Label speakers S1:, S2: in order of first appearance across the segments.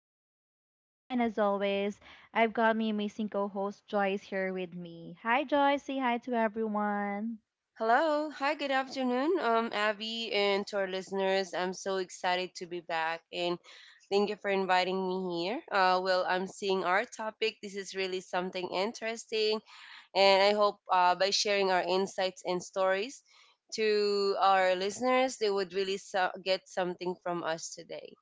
S1: I'm Abby, and as always, I've got my amazing co host Joyce here with me. Hi Joyce, say hi to everyone.
S2: Hello. Hi, good afternoon, Abby, and to our listeners. I'm so excited to be back and thank you for inviting me here. Well, I'm seeing our topic. This is really something interesting, and I hope by sharing our insights and stories to our listeners, they would really get something from us today.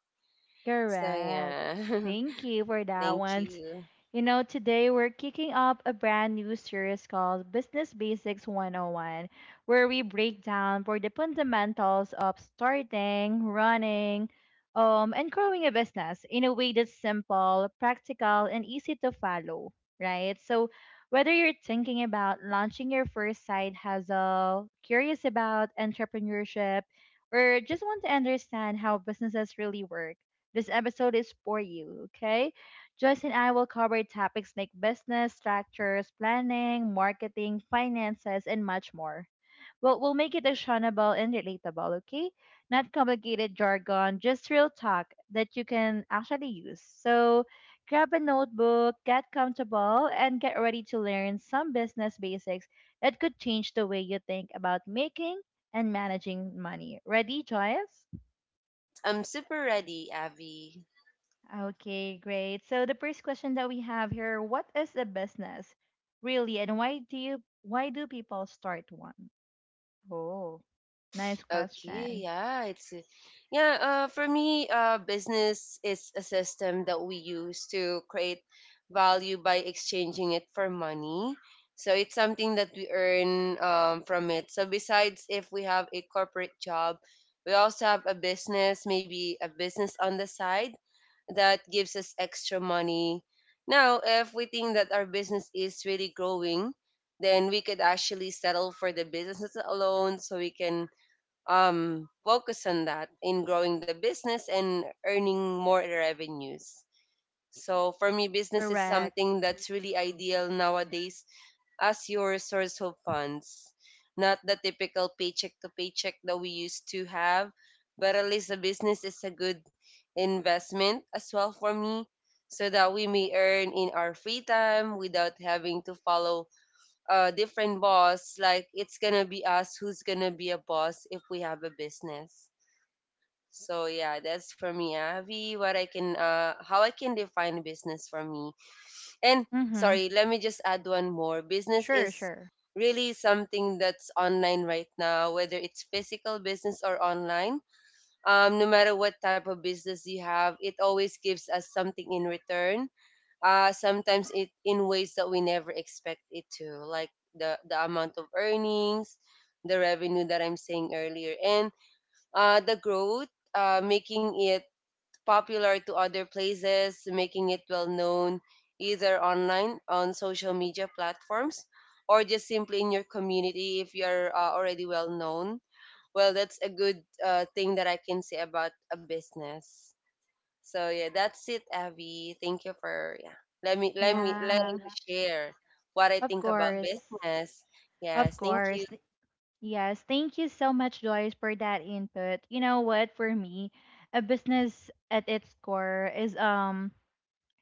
S2: So,
S1: Correct.
S2: yeah,
S1: Thank you for that
S2: thank
S1: one.
S2: you.
S1: You know, today we're kicking up a brand new series called Business Basics 101, where we break down for the fundamentals of starting, running, and growing a business in a way that's simple, practical, and easy to follow, right? So, whether you're thinking about launching your first side hustle, curious about entrepreneurship, or just want to understand how businesses really work, this episode is for you, okay? Joyce and I will cover topics like business, structures, planning, marketing, finances, and much more. We'll make it actionable and relatable, okay? Not complicated jargon, just real talk that you can actually use. So grab a notebook, get comfortable, and get ready to learn some business basics that could change the way you think about making and managing money. Ready, Joyce?
S2: Yes, I'm super ready, Abby.
S1: Okay, great. So the first question that we have here, what is a business really and why do people start one? Oh, nice question.
S2: Okay, yeah, it's yeah. For me, business is a system that we use to create value by exchanging it for money. So it's something that we earn from it. So besides, if we have a corporate job, we also have a business, maybe a business on the side that gives us extra money. Now, if we think that our business is really growing, then we could actually settle for the businesses alone, so we can focus on that in growing the business and earning more revenues. So for me, business is
S1: Correct.
S2: something that's really ideal nowadays as your source of funds, not the typical paycheck to paycheck that we used to have, but at least a business is a good investment as well for me so that we may earn in our free time without having to follow different boss. Like it's gonna be us who's gonna be a boss if we have a business. So yeah, that's for me, Avi. What I can, how I can define business for me. And
S1: Mm-hmm.
S2: sorry, let me just add one more. Business
S1: Sure,
S2: is
S1: sure.
S2: really something that's online right now, whether it's physical business or online. No matter what type of business you have, it always gives us something in return, sometimes it in ways that we never expect it to, like the amount of earnings, the revenue that I'm saying earlier, and the growth, making it popular to other places, making it well known, either online on social media platforms or just simply in your community if you're already well known. Well, that's a good thing that I can say about a business. So yeah, that's it, Abby. Thank you for yeah. Let me
S1: And
S2: let me
S1: yeah.
S2: letting me
S1: Yeah,
S2: share what I
S1: of
S2: think about
S1: course.
S2: business.
S1: Of
S2: Yes, thank
S1: course.
S2: you.
S1: Yes. Thank you so much, Joyce, for that input. You know what? For me, a business at its core is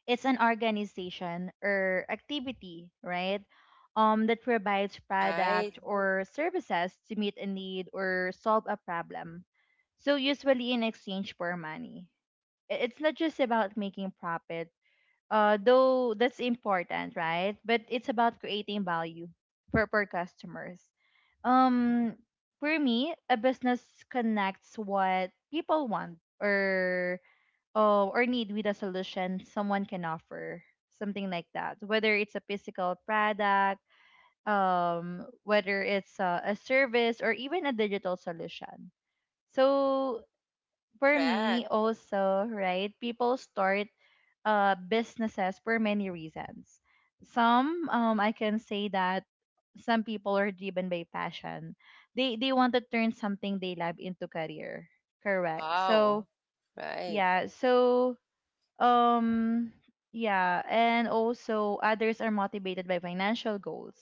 S1: it's an organization or activity, right? That provides
S2: Right.
S1: product or services to meet a need or solve a problem. So usually in exchange for money. It's not just about making profit, though that's important, right? But it's about creating value for customers. Um, for me, a business connects what people want or need with a solution someone can offer, something like that. Whether it's a physical product, whether it's a service, or even a digital solution. So for me,
S2: Correct.
S1: also, right, people start businesses for many reasons. Some, I can say that some people are driven by passion. They want to turn something they love into career. Correct.
S2: Wow.
S1: So
S2: Right.
S1: yeah. So um, yeah, and also others are motivated by financial goals,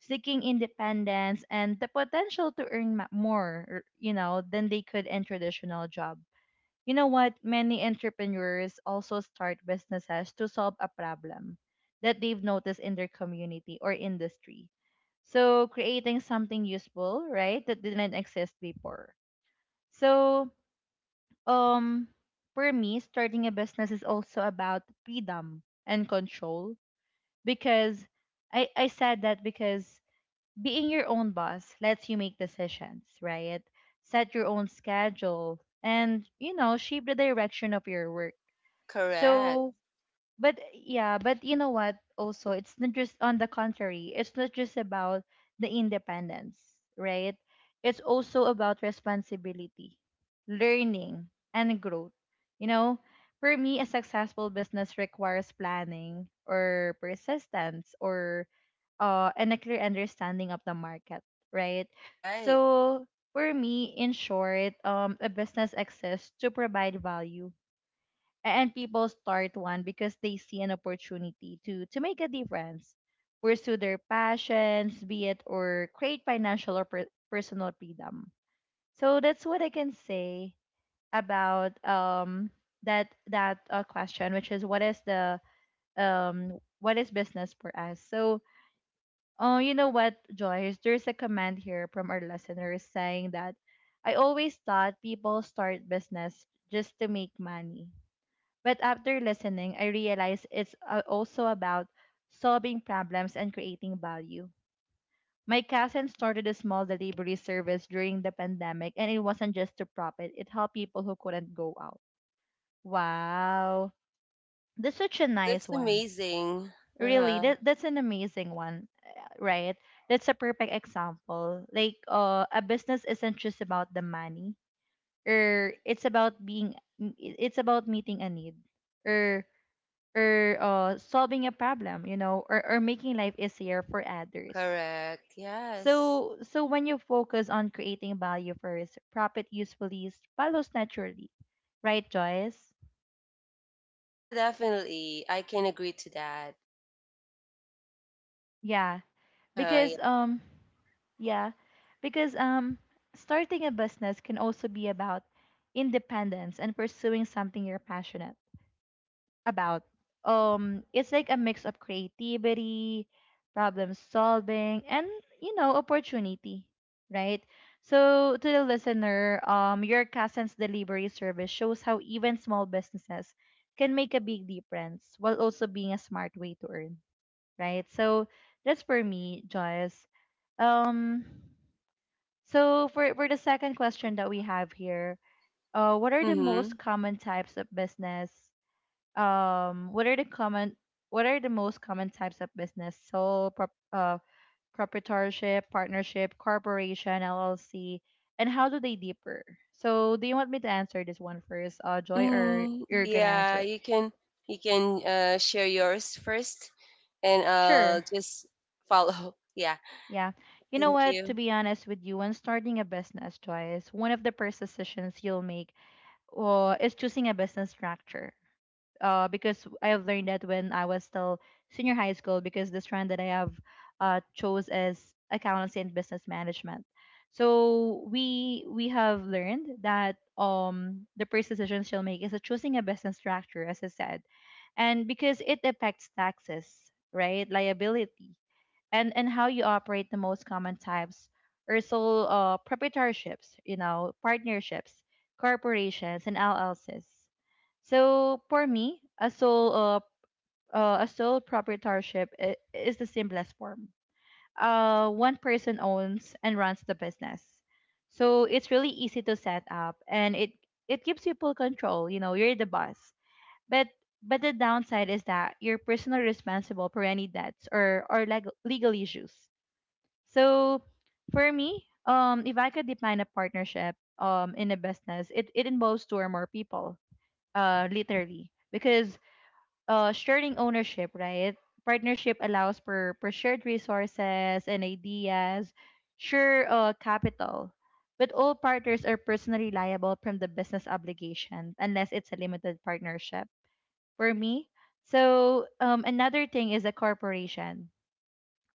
S1: seeking independence and the potential to earn more, you know, than they could in traditional job. You know what? Many entrepreneurs also start businesses to solve a problem that they've noticed in their community or industry. So creating something useful, right, that didn't exist before. So um, for me, starting a business is also about freedom and control because I said that because being your own boss lets you make decisions, right? Set your own schedule and, you know, shape the direction of your work.
S2: Correct.
S1: So, but yeah, but you know what? Also, it's not just on the contrary, it's not just about the independence, right? It's also about responsibility, learning, and growth. You know, for me, a successful business requires planning or persistence or and a clear understanding of the market, right?
S2: Right.
S1: So for me, in short, a business exists to provide value and people start one because they see an opportunity to make a difference, pursue their passions be it, or create financial or personal freedom. So that's what I can say about that that question, which is what is the um what is business for us. So oh, you know what, Joyce, there's a comment here from our listeners saying that I always thought people start business just to make money, but after listening, I realized it's also about solving problems and creating value. My cousin started a small delivery service during the pandemic, and it wasn't just to profit, it helped people who couldn't go out. Wow. That's such a
S2: Oh, that's
S1: nice one.
S2: amazing.
S1: Really,
S2: Uh-huh.
S1: that's an amazing one, right? That's a perfect example. Like, a business isn't just about the money, or it's about being, it's about meeting a need, or solving a problem, you know, or making life easier for others.
S2: Correct. Yes.
S1: So so when you focus on creating value first, profit usually follows naturally, right, Joyce?
S2: Yeah, definitely. I can agree to that.
S1: Yeah,
S2: Uh-huh. Yeah.
S1: because um yeah, because starting a business can also be about independence and pursuing something you're passionate about. It's like a mix of creativity, problem solving, and you know, opportunity, right? So to the listener, your Cousins delivery service shows how even small businesses can make a big difference while also being a smart way to earn, right? So that's for me, Joyce. Um, so for the second question that we have here, what are the
S2: Mm-hmm.
S1: most common types of business, um what are the common what are the most common types of business? So, proprietorship, partnership, corporation, LLC, and how do they differ? So do you want me to answer this one first, uh, Joy, or
S2: Mm,
S1: you're gonna
S2: yeah,
S1: answer it?
S2: you can share yours first, and I'll
S1: Sure.
S2: just follow. Yeah,
S1: Yeah, you know
S2: thank
S1: what, to
S2: you.
S1: be honest with you, when starting a business, Joy, one of the first decisions you'll make is choosing a business structure, because I have learned that when I was still senior high school, because the strand that I have chose is accountancy and business management. So we have learned that the first decision she'll make is choosing a business structure, as I said, and because it affects taxes, right, liability, and how you operate. The most common types are sole proprietorships, you know, partnerships, corporations, and LLCs. So for me, a sole proprietorship is the simplest form. One person owns and runs the business, so it's really easy to set up, and it gives you full control. You know, you're the boss. But but the downside is that you're personally responsible for any debts or legal issues. So for me, if I could define a partnership in a business, it involves two or more people, literally, because sharing ownership, right? Partnership allows for shared resources and ideas, share capital, but all partners are personally liable from the business obligation unless it's a limited partnership. For me, so another thing is a corporation.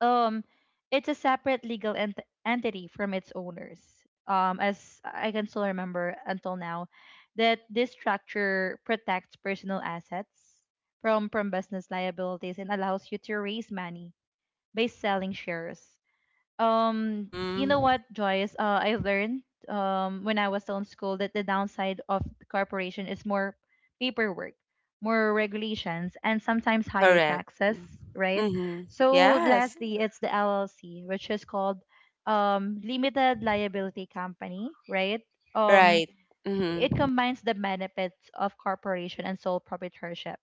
S1: um, it's a separate legal entity from its owners. As I can still remember until now, that this structure protects personal assets from business liabilities and allows you to raise money by selling shares. um you know
S2: Mm-hmm.
S1: what, Joyce, I learned when I was still in school that the downside of the corporation is more paperwork, more regulations, and sometimes higher
S2: Correct.
S1: taxes, right?
S2: Mm-hmm.
S1: So
S2: Yes.
S1: lastly it's the LLC, which is called limited liability company, right? um
S2: Right.
S1: it
S2: Mm-hmm.
S1: combines the benefits of corporation and sole proprietorship.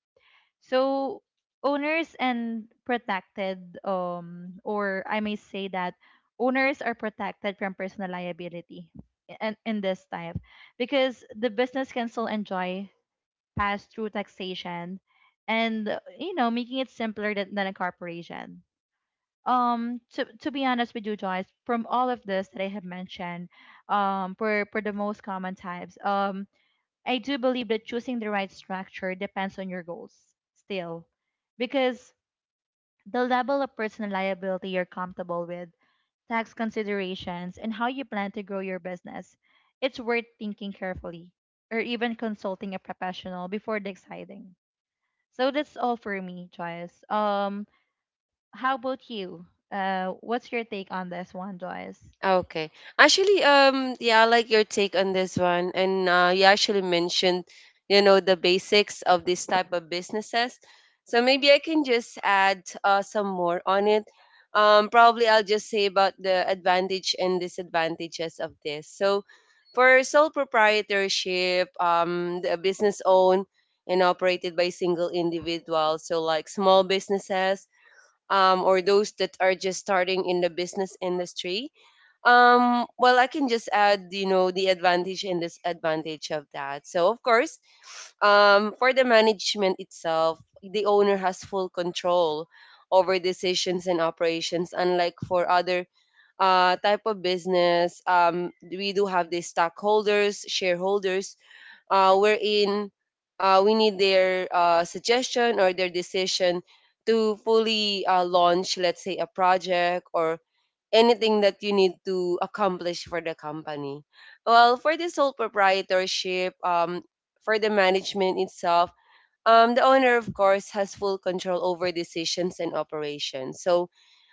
S1: So owners and protected, or I may say that owners are protected from personal liability in this type, because the business can still enjoy pass through taxation and you know, making it simpler than a corporation. To be honest with you, Joyce, from all of this that I have mentioned, for the most common types, I do believe that choosing the right structure depends on your goals still, because the level of personal liability you're comfortable with, tax considerations, and how you plan to grow your business, it's worth thinking carefully or even consulting a professional before deciding. So that's all for me, Joyce. How about you? What's your take on this one, Joyce?
S2: Okay. Actually, yeah, I like your take on this one. And you actually mentioned, you know, the basics of this type of businesses. So maybe I can just add some more on it. Probably I'll just say about the advantage and disadvantages of this. So for sole proprietorship, the business owned and operated by single individuals, so like small businesses or those that are just starting in the business industry. Well, I can just add, you know, the advantage and disadvantage of that. So, of course, for the management itself, the owner has full control over decisions and operations, unlike for other type of business. We do have the stockholders, shareholders, wherein we need their suggestion or their decision to fully launch, let's say, a project or anything that you need to accomplish for the company. Well, for the sole proprietorship, for the management itself, the owner, of course, has full control over decisions and operations. So,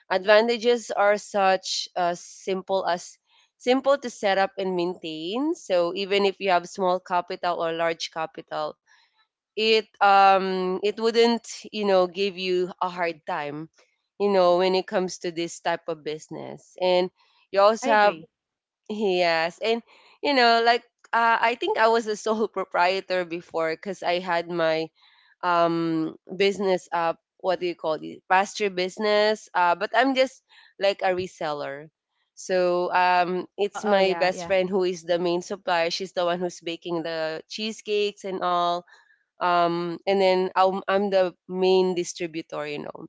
S2: advantages are such as simple to set up and maintain. So even if you have small capital or large capital, it wouldn't, you know, give you a hard time, you know, when it comes to this type of business. And you
S1: I
S2: also have
S1: agree.
S2: yes, and you know, like I think I was a sole proprietor before because I had my business, what do you call it, pasture business, but I'm just like a reseller. So
S1: Oh,
S2: it's
S1: oh
S2: my
S1: yeah,
S2: best
S1: yeah.
S2: friend who is the main supplier. She's the one who's baking the cheesecakes and all, and then I'm the main distributor, you know.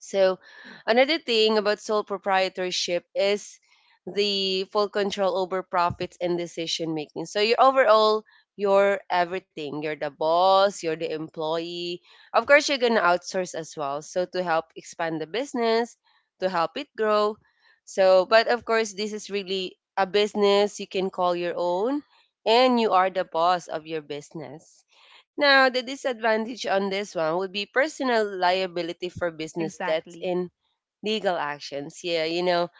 S2: So another thing about sole proprietorship is the full control over profits and decision making. So, you're overall, you're everything. You're the boss, you're the employee. Of course, you're going to outsource as well. So, to help expand the business, to help it grow. So, but of course, this is really a business you can call your own, and you are the boss of your business. Now, the disadvantage on this one would be personal liability for business debts
S1: Exactly.
S2: in legal actions. Yeah, you know,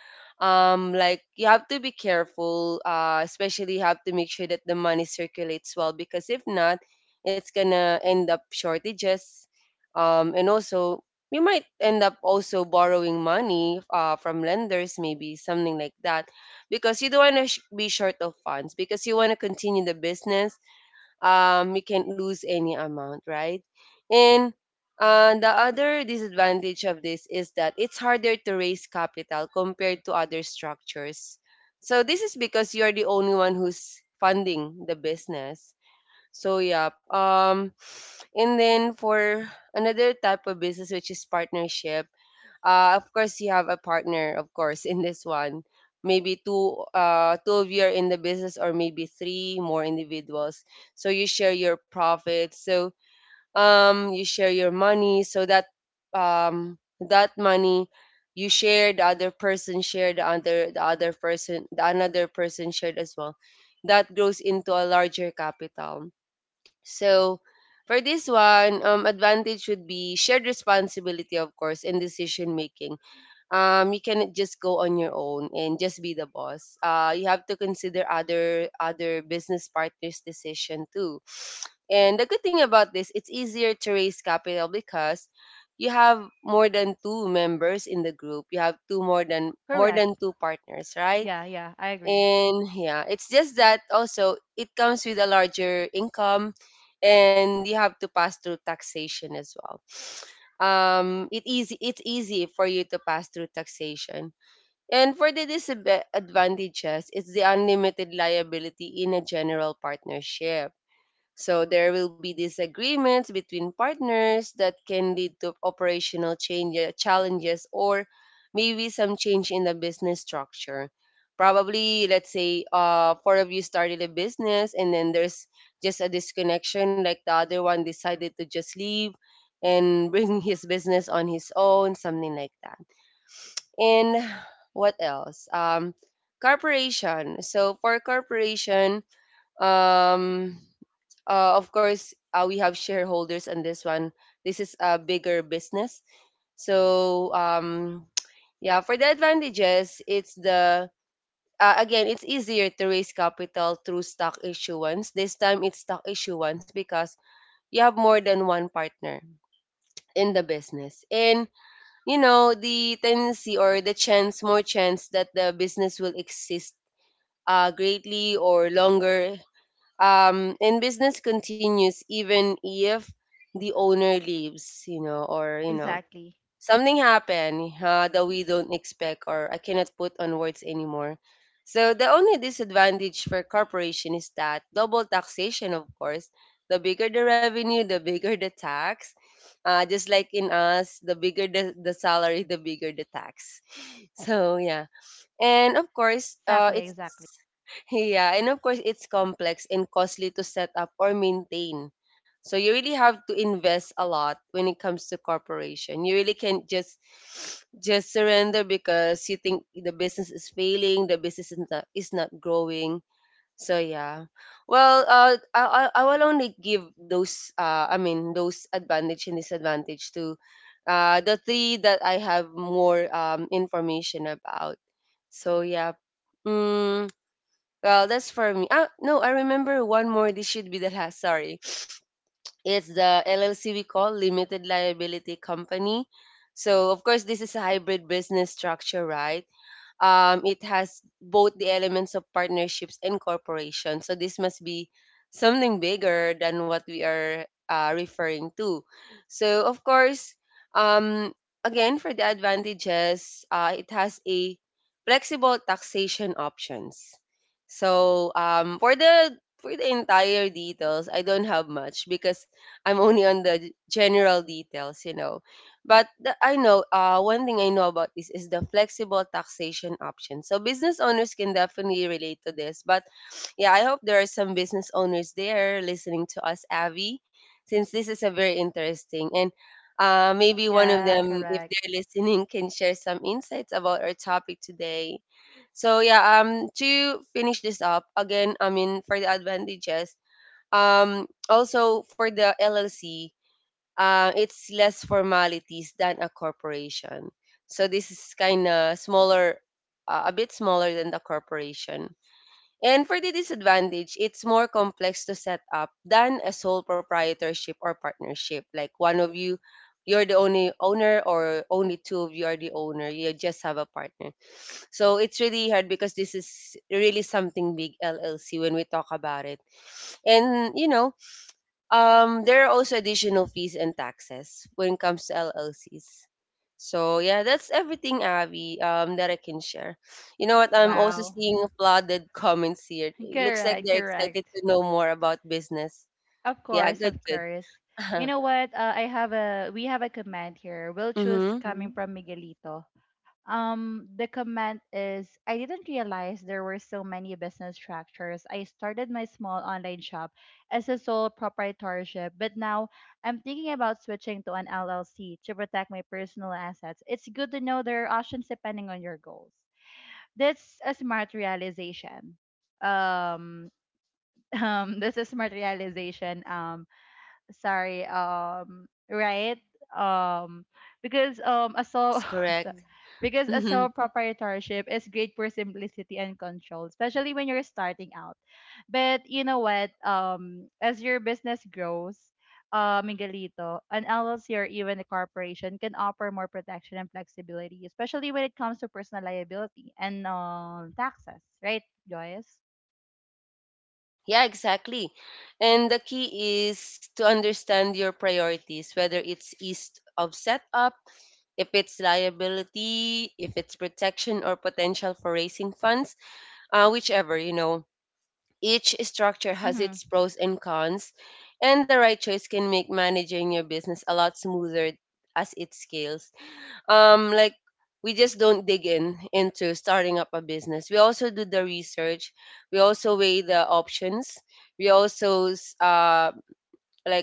S2: like you have to be careful, especially you have to make sure that the money circulates well because if not, it's gonna end up shortages. And also, we might end up also borrowing money from lenders, maybe something like that, because you don't want to be short of funds because you want to continue the business. You can't lose any amount, right? And the other disadvantage of this is that it's harder to raise capital compared to other structures. So this is because you're the only one who's funding the business. So yeah, and then for another type of business, which is partnership. Of course, you have a partner, of course, in this one. Maybe two, two of you are in the business, or maybe three more individuals. So you share your profits, so you share your money, so that that money you share, the other person share, the another person shared as well, that grows into a larger capital. So for this one, advantage would be shared responsibility, of course, in decision making. You cannot just go on your own and just be the boss. You have to consider other business partners' decision too. And the good thing about this, it's easier to raise capital because you have more than two members in the group. You have two more
S1: Correct.
S2: than two partners, right?
S1: Yeah, yeah, I agree.
S2: And yeah, it's just that also it comes with a larger income, and you have to pass through taxation as well. It's easy for you to pass through taxation. And for the disadvantages, it's the unlimited liability in a general partnership. So there will be disagreements between partners that can lead to operational challenges or maybe some change in the business structure. Probably, let's say, four of you started a business and then there's just a disconnection, like the other one decided to just leave and bring his business on his own, something like that. And what else? Corporation. So for corporation, um, of course, we have shareholders on this one. This is a bigger business. So, yeah, for the advantages, it's the again, it's easier to raise capital through stock issuance. This time it's stock issuance because you have more than one partner in the business. And you know, the tendency or the chance, more chance that the business will exist greatly or longer, and business continues even if the owner leaves, you know, or you know
S1: Exactly.
S2: something happened, that we don't expect or I cannot put on words anymore. So the only disadvantage for corporation is that double taxation. Of course, the bigger the revenue, the bigger the tax. Just like in us, the bigger the salary, the bigger the tax. So yeah, and of course,
S1: Exactly,
S2: it's
S1: exactly.
S2: yeah, and of course, it's complex and costly to set up or maintain. So you really have to invest a lot when it comes to corporation. You really can't just just surrender because you think the business is failing, the business is not growing. So yeah, well, I will only give those those advantage and disadvantage to the three that I have more information about. So yeah. Mm, well, that's for me. Ah, no, I remember one more. This should be the last. Sorry. It's the LLC we call Limited Liability Company. So, of course, this is a hybrid business structure, right? Um, it has both the elements of partnerships and corporation. So this must be something bigger than what we are referring to. So of course, um, again for the advantages, it has a flexible taxation options. So for the entire details, I don't have much because I'm only on the general details, you know. But the, I know one thing I know about this is the flexible taxation option. So business owners can definitely relate to this. But yeah, I hope there are some business owners there listening to us, Avi, since this is a very interesting and maybe one of
S1: Yeah,
S2: them, if
S1: correct.
S2: they're listening, can share some insights about our topic today. So yeah, to finish this up again, I mean for the advantages, also for the LLC, it's less formalities than a corporation. So this is kind of smaller, a bit smaller than the corporation. And for the disadvantage, it's more complex to set up than a sole proprietorship or partnership. Like one of you, you're the only owner, or only two of you are the owner. You just have a partner. So it's really hard because this is really something big LLC when we talk about it. And you know, there are also additional fees and taxes when it comes to LLCs. So yeah, that's everything, Abby, that I can share. You know what? I'm also
S1: Wow.
S2: seeing flooded comments here. It looks like
S1: Correct,
S2: they're excited
S1: correct.
S2: to know more about business.
S1: Of
S2: Yeah,
S1: course,
S2: good,
S1: of course. You
S2: good.
S1: know what? I have a we have a comment here. We'll choose
S2: Mm-hmm.
S1: coming, mm-hmm, from Miguelito. The comment is, I didn't realize there were so many business structures. I started my small online shop as a sole proprietorship, but now I'm thinking about switching to an LLC to protect my personal assets. It's good to know there are options depending on your goals. That's a smart realization. Um, that's a smart realization. Sorry um, right, um, because a sole
S2: Yes, correct.
S1: so- because a sole proprietorship is great for simplicity and control, especially when you're starting out. But you know what, as your business grows, Miguelito, an LLC or even a corporation can offer more protection and flexibility, especially when it comes to personal liability and taxes, right, Joyce?
S2: Yeah, exactly. And the key is to understand your priorities, whether it's ease of setup, if it's liability, if it's protection or potential for raising funds, whichever, you know. Each structure has
S1: Mm-hmm.
S2: its pros and cons, and the right choice can make managing your business a lot smoother as it scales, like we just don't dig in into starting up a business, we also do the research, we also weigh the options, we also like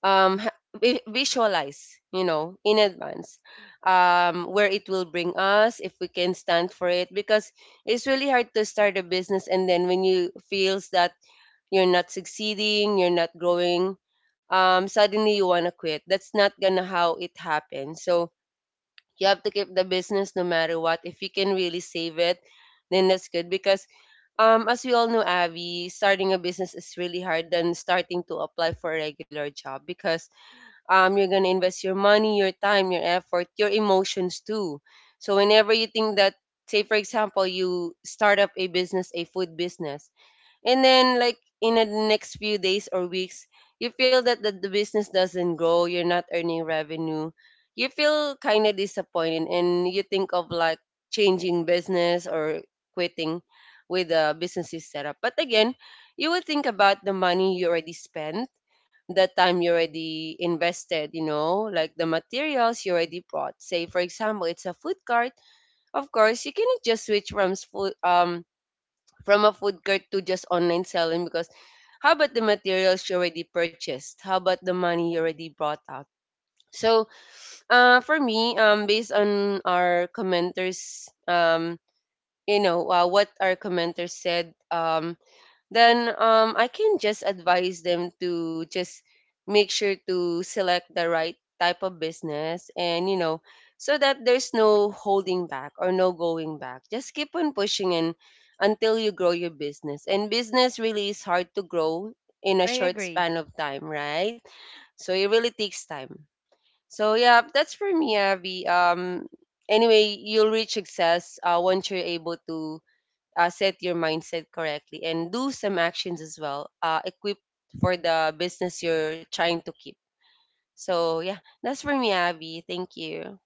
S2: visualize, you know, in advance where it will bring us if we can stand for it, because it's really hard to start a business and then when you feels that you're not succeeding, you're not growing, suddenly you want to quit. That's not gonna how it happens. So you have to keep the business no matter what. If you can really save it, then that's good because as we all know, Abby, starting a business is really hard than starting to apply for a regular job because you're gonna invest your money, your time, your effort, your emotions too. So whenever you think that, say for example you start up a business, a food business, and then like in the next few days or weeks you feel that the business doesn't grow, you're not earning revenue, you feel kind of disappointed and you think of like changing business or quitting with the business you set up. But again, you will think about the money you already spent, the time you already invested, you know, like the materials you already bought. Say, for example, it's a food cart. Of course, you cannot just switch from food, from a food cart to just online selling because how about the materials you already purchased? How about the money you already brought out? So, for me, based on our commenters, you know, what our commenters said, then I can just advise them to just make sure to select the right type of business, and you know, so that there's no holding back or no going back, just keep on pushing in until you grow your business. And business really is hard to grow in a
S1: I
S2: short
S1: agree.
S2: span of time, right? So it really takes time. So yeah, that's for me, Abby. Anyway, you'll reach success once you're able to set your mindset correctly and do some actions as well, equipped for the business you're trying to keep. So yeah, that's for me, Abby, thank you.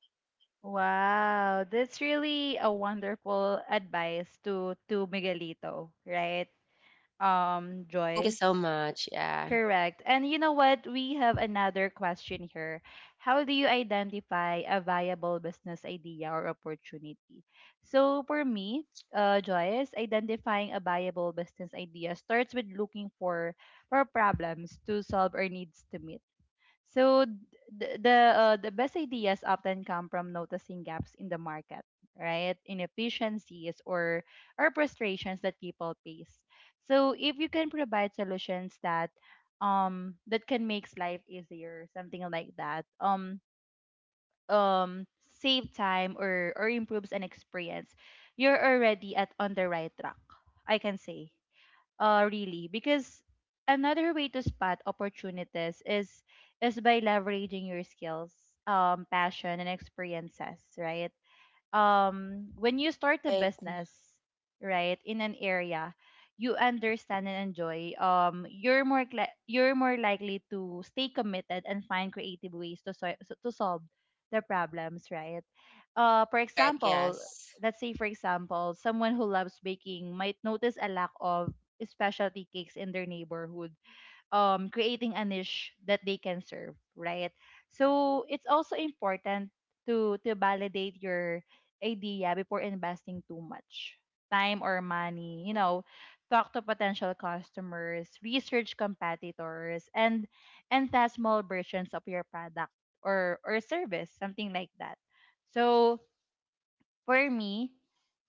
S1: Wow, that's really a wonderful advice to Miguelito, right?
S2: Thank you
S1: Joyce.
S2: so much. Yeah,
S1: Correct. And you know what? We have another question here. How do you identify a viable business idea or opportunity? So for me, Joyce, identifying a viable business idea starts with looking for problems to solve or needs to meet. So the best ideas often come from noticing gaps in the market, right? Inefficiencies or frustrations that people face. So if you can provide solutions that that can make life easier, something like that. Save time or improves an experience, you're already at on the right track, I can say. Really, because another way to spot opportunities is by leveraging your skills, passion, and experiences, right? When you start a
S2: right.
S1: business right in an area you understand and enjoy, you're you're more likely to stay committed and find creative ways to to solve the problems, right? For
S2: Correct,
S1: example
S2: yes,
S1: Let's say for example someone who loves baking might notice a lack of specialty cakes in their neighborhood, creating a niche that they can serve, right? So it's also important to validate your idea before investing too much time or money. You know, talk to potential customers, research competitors, and test small versions of your product or service, something like that. So for me,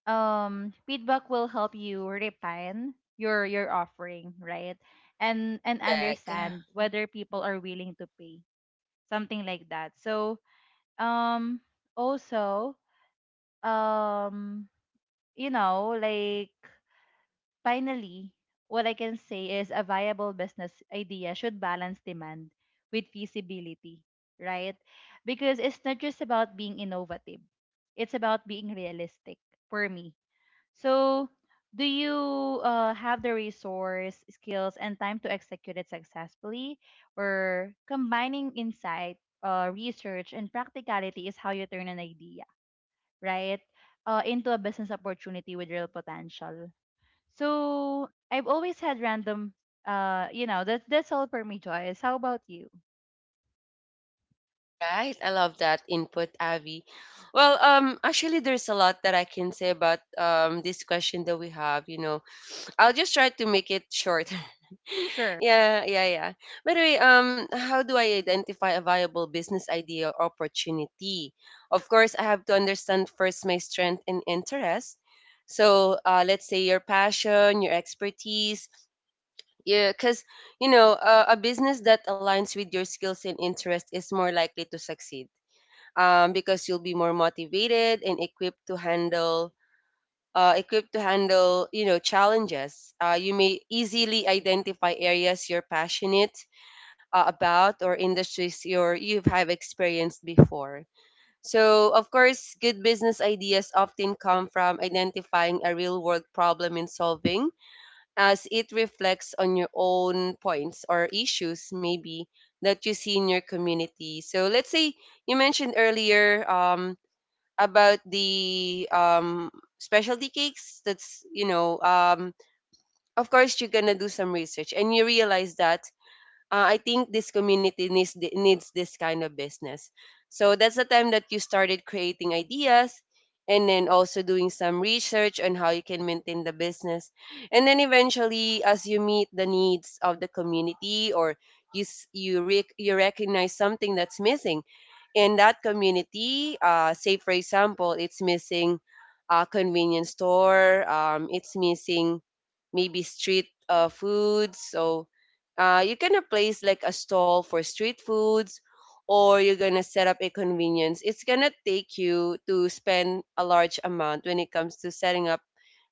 S1: feedback will help you refine your offering, right? And
S2: correct.
S1: understand whether people are willing to pay, something like that. So um also um you know like finally, what I can say is a viable business idea should balance demand with feasibility, right? Because it's not just about being innovative, it's about being realistic, for me. So, do you have the resource, skills, and time to execute it successfully? Or combining insight, research, and practicality is how you turn an idea, right, into a business opportunity with real potential. So, I've always had random, that's all for me, Joyce. How about you?
S2: All right, I love that input, Abby. Well, actually there's a lot that I can say about this question that we have, you know. I'll just try to make it short.
S1: Sure.
S2: Yeah, yeah, yeah. By the way, how do I identify a viable business idea or opportunity? Of course, I have to understand first my strength and interest. So, let's say your passion, your expertise. Yeah, because you know, a business that aligns with your skills and interest is more likely to succeed. Because you'll be more motivated and equipped to handle, you know, challenges. You may easily identify areas you're passionate about or industries you have experienced before. So of course, good business ideas often come from identifying a real world problem and solving as it reflects on your own points or issues, maybe that you see in your community. So let's say you mentioned earlier, about the specialty cakes, that's, you know, of course you're gonna do some research and you realize that, I think this community needs needs this kind of business. So that's the time that you started creating ideas, and then also doing some research on how you can maintain the business, and then eventually as you meet the needs of the community, or you you recognize something that's missing in that community, say for example, it's missing a convenience store, it's missing maybe street foods. So you to place like a stall for street foods, or you're gonna set up a convenience. It's gonna take you to spend a large amount when it comes to setting up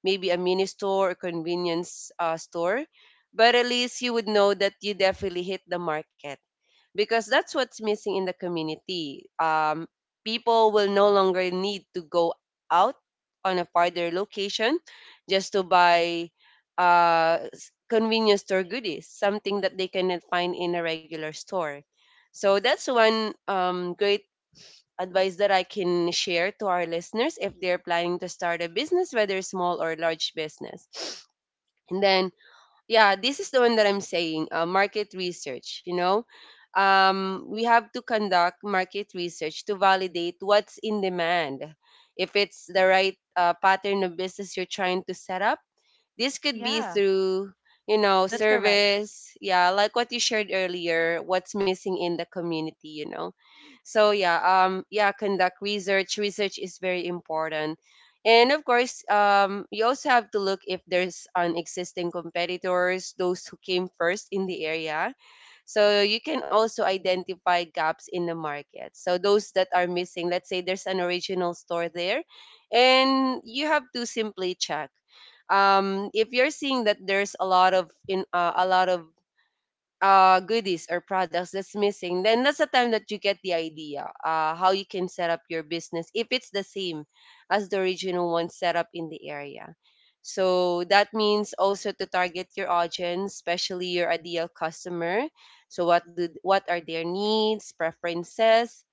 S2: maybe a mini store or convenience, store. But at least you would know that you definitely hit the market because that's what's missing in the community. People will no longer need to go out on a farther location just to buy convenience store goodies, something that they cannot find in a regular store. So that's one great advice that I can share to our listeners if they're planning to start a business, whether small or large business. And then yeah, this is the one that I'm saying, market research, you know, we have to conduct market research to validate what's in demand, if it's the right pattern of business you're trying to set up. This could be
S1: Yeah,
S2: through, you know,
S1: that's correct.
S2: service, yeah, like what you shared earlier, what's missing in the community, you know. So yeah, yeah, conduct research. Research is very important. And of course, you also have to look if there's an existing competitors, those who came first in the area, so you can also identify gaps in the market. So those that are missing, let's say there's an original store there, and you have to simply check. If you're seeing that there's a lot of in a lot of goodies or products that's missing, then that's the time that you get the idea how you can set up your business if it's the same as the original one set up in the area. So that means also to target your audience, especially your ideal customer. So what are their needs, preferences,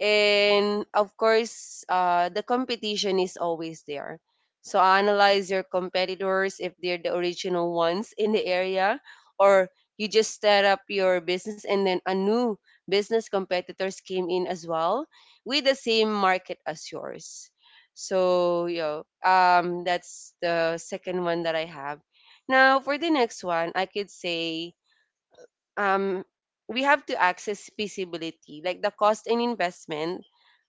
S2: and of course the competition is always there, so analyze your competitors if they're the original ones in the area, or you just set up your business and then a new business competitors came in as well with the same market as yours. So yeah, that's the second one that I have. Now for the next one I could say, um we have to access feasibility, like the cost and investment.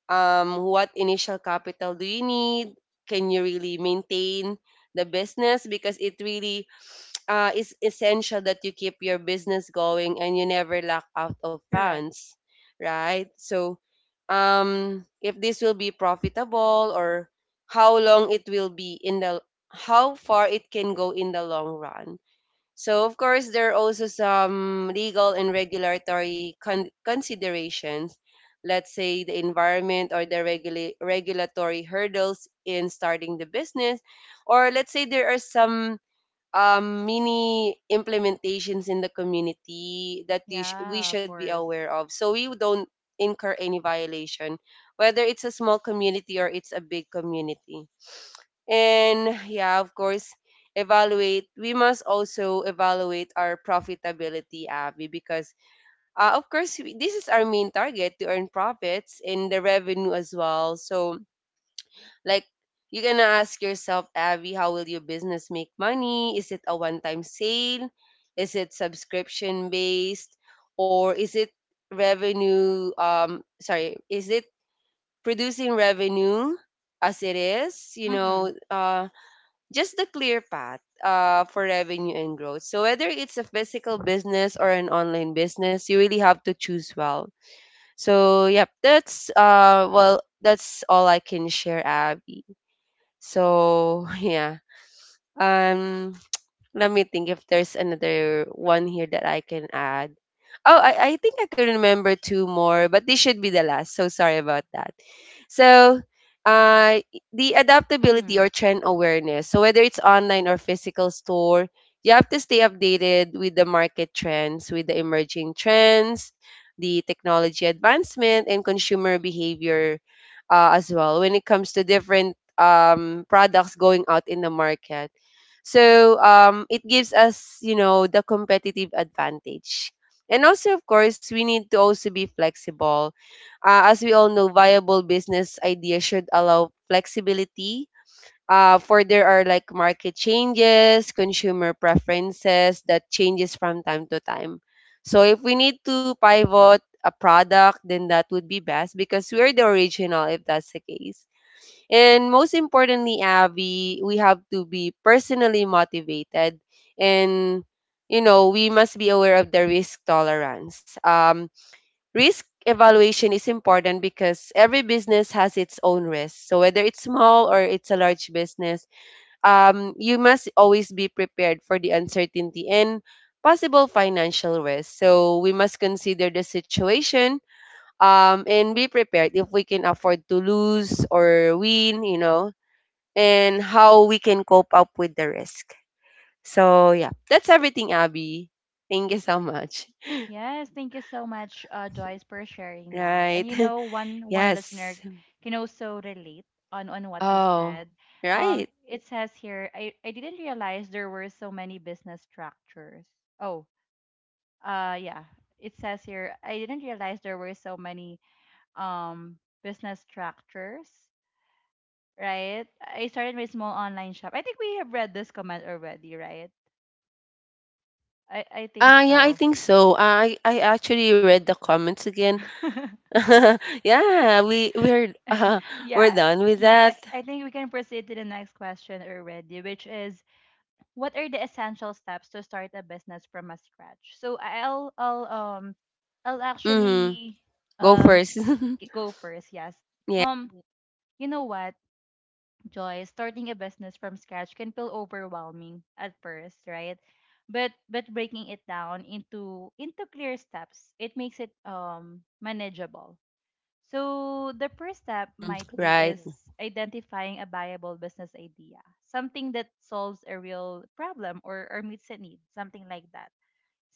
S2: What initial capital do you need? Can you really maintain the business? Because it really is essential that you keep your business going and you never lack out of
S1: Correct.
S2: funds, right? So, if this will be profitable, or how long it will be in the, how far it can go in the long run. So of course, there are also some legal and regulatory considerations. Let's say the environment or the regulatory hurdles in starting the business. Or let's say there are some mini implementations in the community that we
S1: Yeah, of
S2: should be aware
S1: course.
S2: of, so we don't incur any violation, whether it's a small community or it's a big community. And yeah, of course, evaluate. We must also evaluate our profitability, Abby, because of course this is our main target, to earn profits and the revenue as well. So like, you're gonna ask yourself, Abby, how will your business make money? Is it a one-time sale? Is it subscription based, or is it revenue? Sorry, is it producing revenue as it is? You
S1: Mm-hmm.
S2: know, just the clear path for revenue and growth. So whether it's a physical business or an online business, you really have to choose well. So yep, that's well, that's all I can share, Abby. So yeah, um, let me think if there's another one here that I can add. Oh, I think I could remember two more, but this should be the last. So sorry about that. So, uh, the
S1: Mm-hmm.
S2: adaptability or trend awareness. So, whether it's online or physical store, you have to stay updated with the market trends, with the emerging trends, the technology advancement, and consumer behavior as well when it comes to different products going out in the market. So, it gives us, you know, the competitive advantage. And also, of course, we need to also be flexible as we all know, viable business ideas should allow flexibility. For there are like market changes, consumer preferences that changes from time to time. So if we need to pivot a product, then that would be best because we're the original if that's the case. And most importantly, Abby, we have to be personally motivated and you know we must be aware of the risk tolerance. Risk evaluation is important because every business has its own risk. So whether it's small or it's a large business, you must always be prepared for the uncertainty and possible financial risk. So we must consider the situation and be prepared if we can afford to lose or win, you know, and how we can cope up with the risk. So yeah, that's everything, Abby. Thank you so much.
S1: Yes, thank you so much, Joyce, for sharing that. And
S2: Right.
S1: you know, one listener
S2: Yes.
S1: can also relate on what you
S2: Oh.
S1: said.
S2: Right?
S1: It says here, I didn't realize there were so many business structures. Oh, yeah. It says here, I didn't realize there were so many um business structures, right? I started my small online shop. I think we have read this comment already, right? I think
S2: Ah, yeah, I
S1: so.
S2: think so. I actually read the comments again. Yeah, we're
S1: Yeah.
S2: done with
S1: I,
S2: that.
S1: I think we can proceed to the next question already, which is what are the essential steps to start a business from a scratch? So I'll
S2: Mm,
S1: actually
S2: go
S1: um
S2: first.
S1: go first, yes.
S2: Yeah.
S1: Um you know what, Joy, starting a business from scratch can feel overwhelming at first, right? But breaking it down into clear steps, it makes it manageable. So the first step
S2: Mm,
S1: might be
S2: right.
S1: is identifying a viable business idea, something that solves a real problem or meets a need, something like that.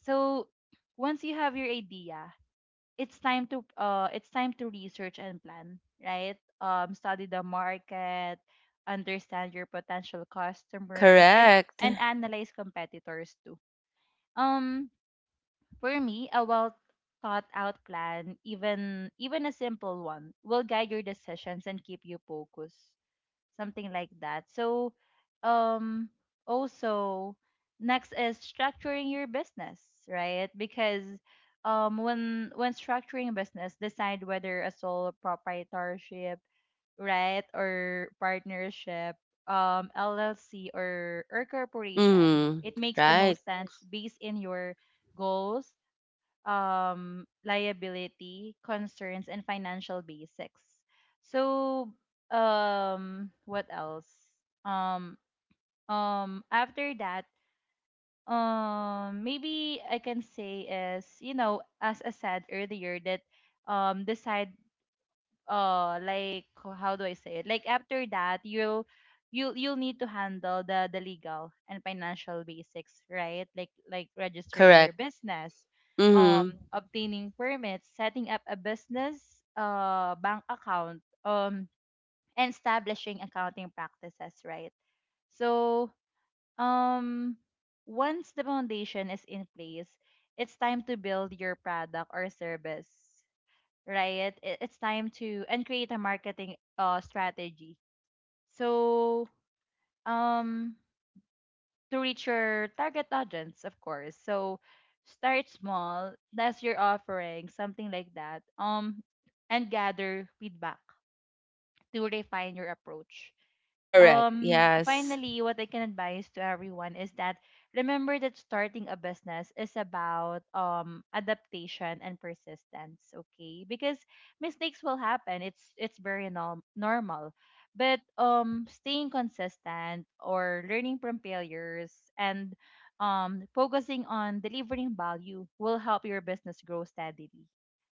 S1: So once you have your idea, it's time to research and plan, right? Study the market, understand your potential customers and
S2: Correct.
S1: analyze competitors too. Um for me, a well thought out plan, even a simple one, will guide your decisions and keep you focused. Something like that. So um also next is structuring your business, right? Because when structuring a business, decide whether a sole proprietorship, right, or partnership, LLC or corporation,
S2: Mm,
S1: it makes the
S2: right.
S1: most sense based in your goals, liability concerns and financial basics. So, what else? Um, After that, maybe I can say is, you know, as I said earlier, that decide uh like how do I say it? Like after that you'll need to handle the legal and financial basics, right? Like registering your
S2: Correct.
S1: business,
S2: Mm,
S1: obtaining permits, setting up a business bank account, and establishing accounting practices, right? So um once the foundation is in place, it's time to build your product or service, right? It's time to and create a marketing strategy. So um to reach your target audience, of course. So start small. That's your offering, something like that. And gather feedback to refine your approach.
S2: correct. Yes.
S1: Finally, what I can advise to everyone is that remember that starting a business is about adaptation and persistence, okay? Because mistakes will happen. It's very normal. But staying consistent or learning from failures and focusing on delivering value will help your business grow steadily.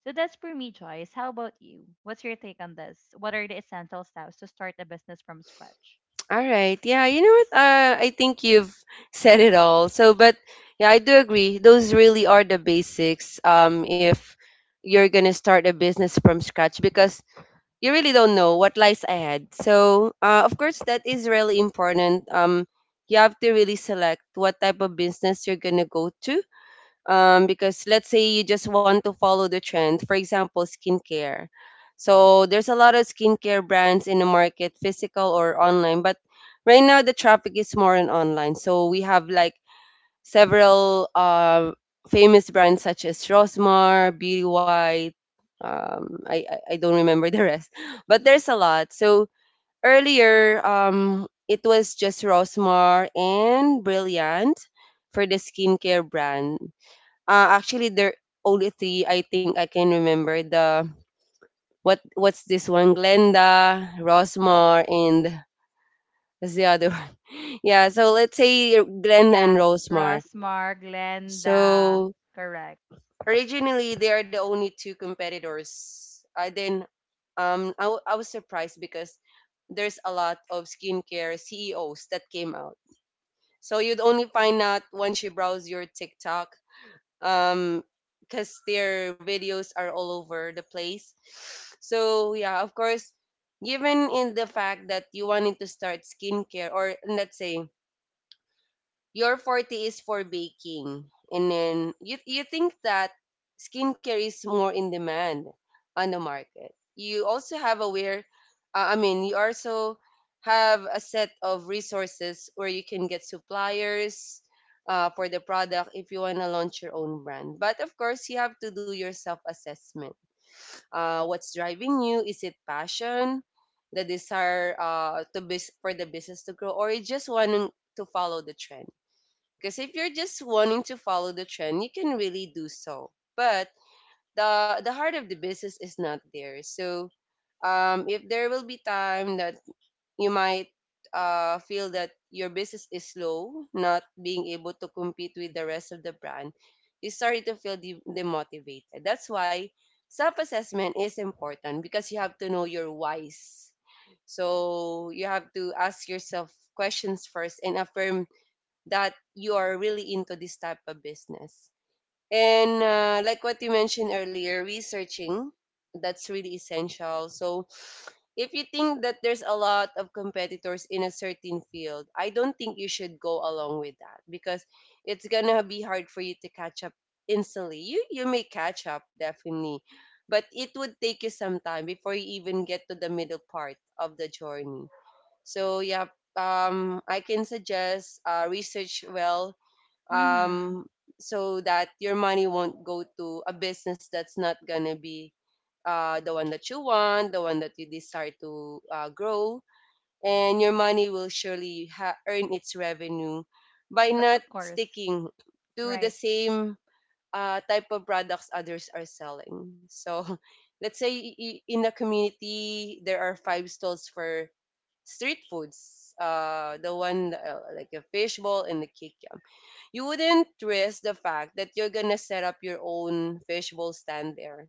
S1: So that's for me, Joyce. How about you? What's your take on this? What are the essential steps to start a business from scratch?
S2: All right. Yeah, you know what? I think you've said it all. So, but yeah, I do agree. Those really are the basics. If you're gonna start a business from scratch, because you really don't know what lies ahead. So, of course, that is really important. You have to really select what type of business you're gonna go to because let's say you just want to follow the trend, for example, skincare. So there's a lot of skincare brands in the market, physical or online, but right now the traffic is more in online. So we have like several famous brands such as Rosmar, Beauty White. I don't remember the rest, but there's a lot. So earlier, it was just Rosmar and Brilliant for the skincare brand. Actually, there only three I think I can remember. The what's this one? Glenda, Rosmar, and what's the other one? Yeah, so let's say Glenda and
S1: Yeah,
S2: Rosmar.
S1: Rosmar, Glenda.
S2: So
S1: Correct.
S2: originally they are the only two competitors. I then I was surprised because there's a lot of skincare CEOs that came out. So you'd only find out once you browse your TikTok um because their videos are all over the place, so yeah, of course, given in the fact that you wanted to start skincare, or let's say your 40 is for baking, and then you think that skincare is more in demand on the market. You also have aware, you also have a set of resources where you can get suppliers for the product if you want to launch your own brand. But of course you have to do your self assessment, what's driving you? Is it passion, the desire for the business to grow, or you just want to follow the trend? Because if you're just wanting to follow the trend, you can really do so. But the heart of the business is not there. So if there will be time that you might feel that your business is slow, not being able to compete with the rest of the brand, you start to feel demotivated. That's why self-assessment is important because you have to know your whys. So you have to ask yourself questions first and affirm that you are really into this type of business. And like what you mentioned earlier, researching, that's really essential. So if you think that there's a lot of competitors in a certain field, I don't think you should go along with that because it's gonna be hard for you to catch up instantly. You may catch up definitely, but it would take you some time before you even get to the middle part of the journey. So yeah, I can suggest research well,
S1: Mm-hmm.
S2: um, so that your money won't go to a business that's not gonna be the one that you want, the one that you desire to grow, and your money will surely earn its revenue by not
S1: Of course.
S2: sticking to the
S1: Right.
S2: same type of products others are selling. So, let's say in the community there are five stalls for street foods. The one like a fishbowl and the kikiam, you wouldn't risk the fact that you're gonna set up your own fishbowl stand there,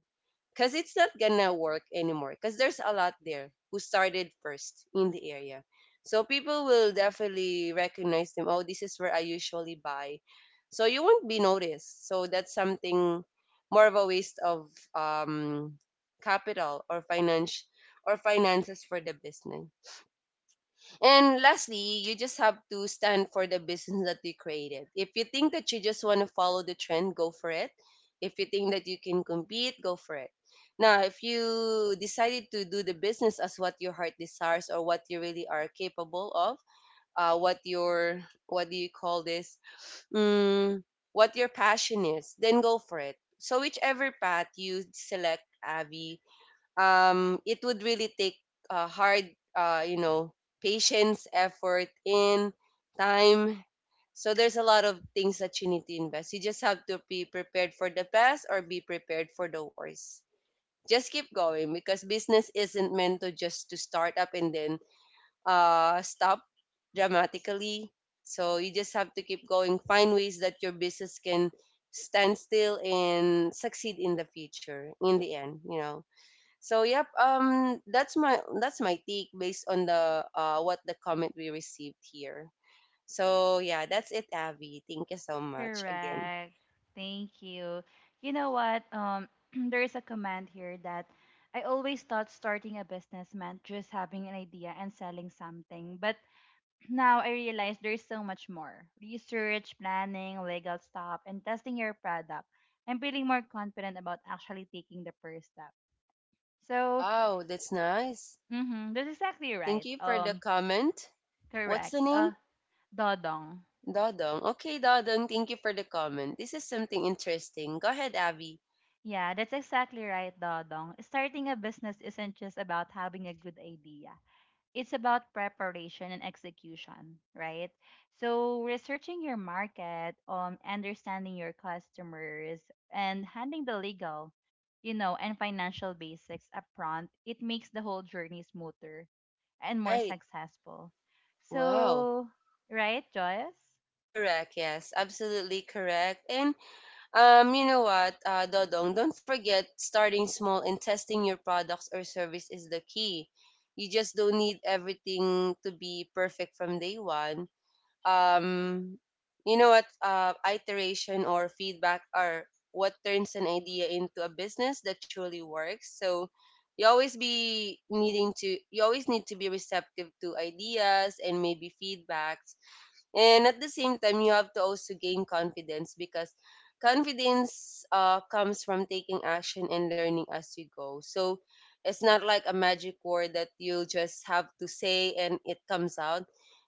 S2: because it's not gonna work anymore because there's a lot there who started first in the area, so people will definitely recognize them. Oh, this is where I usually buy. So you won't be noticed. So that's something more of a waste of capital or finance or finances for the business. And lastly, you just have to stand for the business that you created. If you think that you just want to follow the trend, go for it. If you think that you can compete, go for it. Now, if you decided to do the business as what your heart desires or what you really are capable of, what your, what do you call this? Mm, what your passion is, then go for it. So whichever path you select, Avi, it would really take hard, you know, patience, effort, in time. So there's a lot of things that you need to invest. You just have to be prepared for the best or be prepared for the worst. Just keep going, because business isn't meant to just to start up and then stop dramatically. So you just have to keep going. Find ways that your business can stand still and succeed in the future. In the end, you know. So yep, that's my take based on the what the comment we received here. So yeah, that's it, Abby. Thank you so much again.
S1: Correct. Thank you. You know what? There is a comment here that I always thought starting a business meant just having an idea and selling something, but now I realize there's so much more research, planning, legal stuff, and testing your product. I'm feeling more confident about actually taking the first step. So,
S2: Wow, that's nice.
S1: mm-hmm, that's exactly
S2: Thank
S1: right.
S2: you for the comment. What's
S1: Correct.
S2: the name?
S1: Dodong.
S2: Dodong. Okay, Dodong. Thank you for the comment. This is something interesting. Go ahead, Abby.
S1: Yeah, that's exactly right, Dodong. Starting a business isn't just about having a good idea, it's about preparation and execution, right? So, researching your market, understanding your customers, and handling the legal, you know, and financial basics upfront, it makes the whole journey smoother and more
S2: Right.
S1: successful.
S2: Wow.
S1: So, right, Joyce?
S2: Correct. Yes. Absolutely correct. And you know what, Dodong, don't forget starting small and testing your products or service is the key. You just don't need everything to be perfect from day one. Um, you know what, iteration or feedback are what turns an idea into a business that truly works. So you always need to be receptive to ideas and maybe feedbacks, and at the same time you have to also gain confidence, because confidence comes from taking action and learning as you go. So it's not like a magic word that you just have to say and it comes out.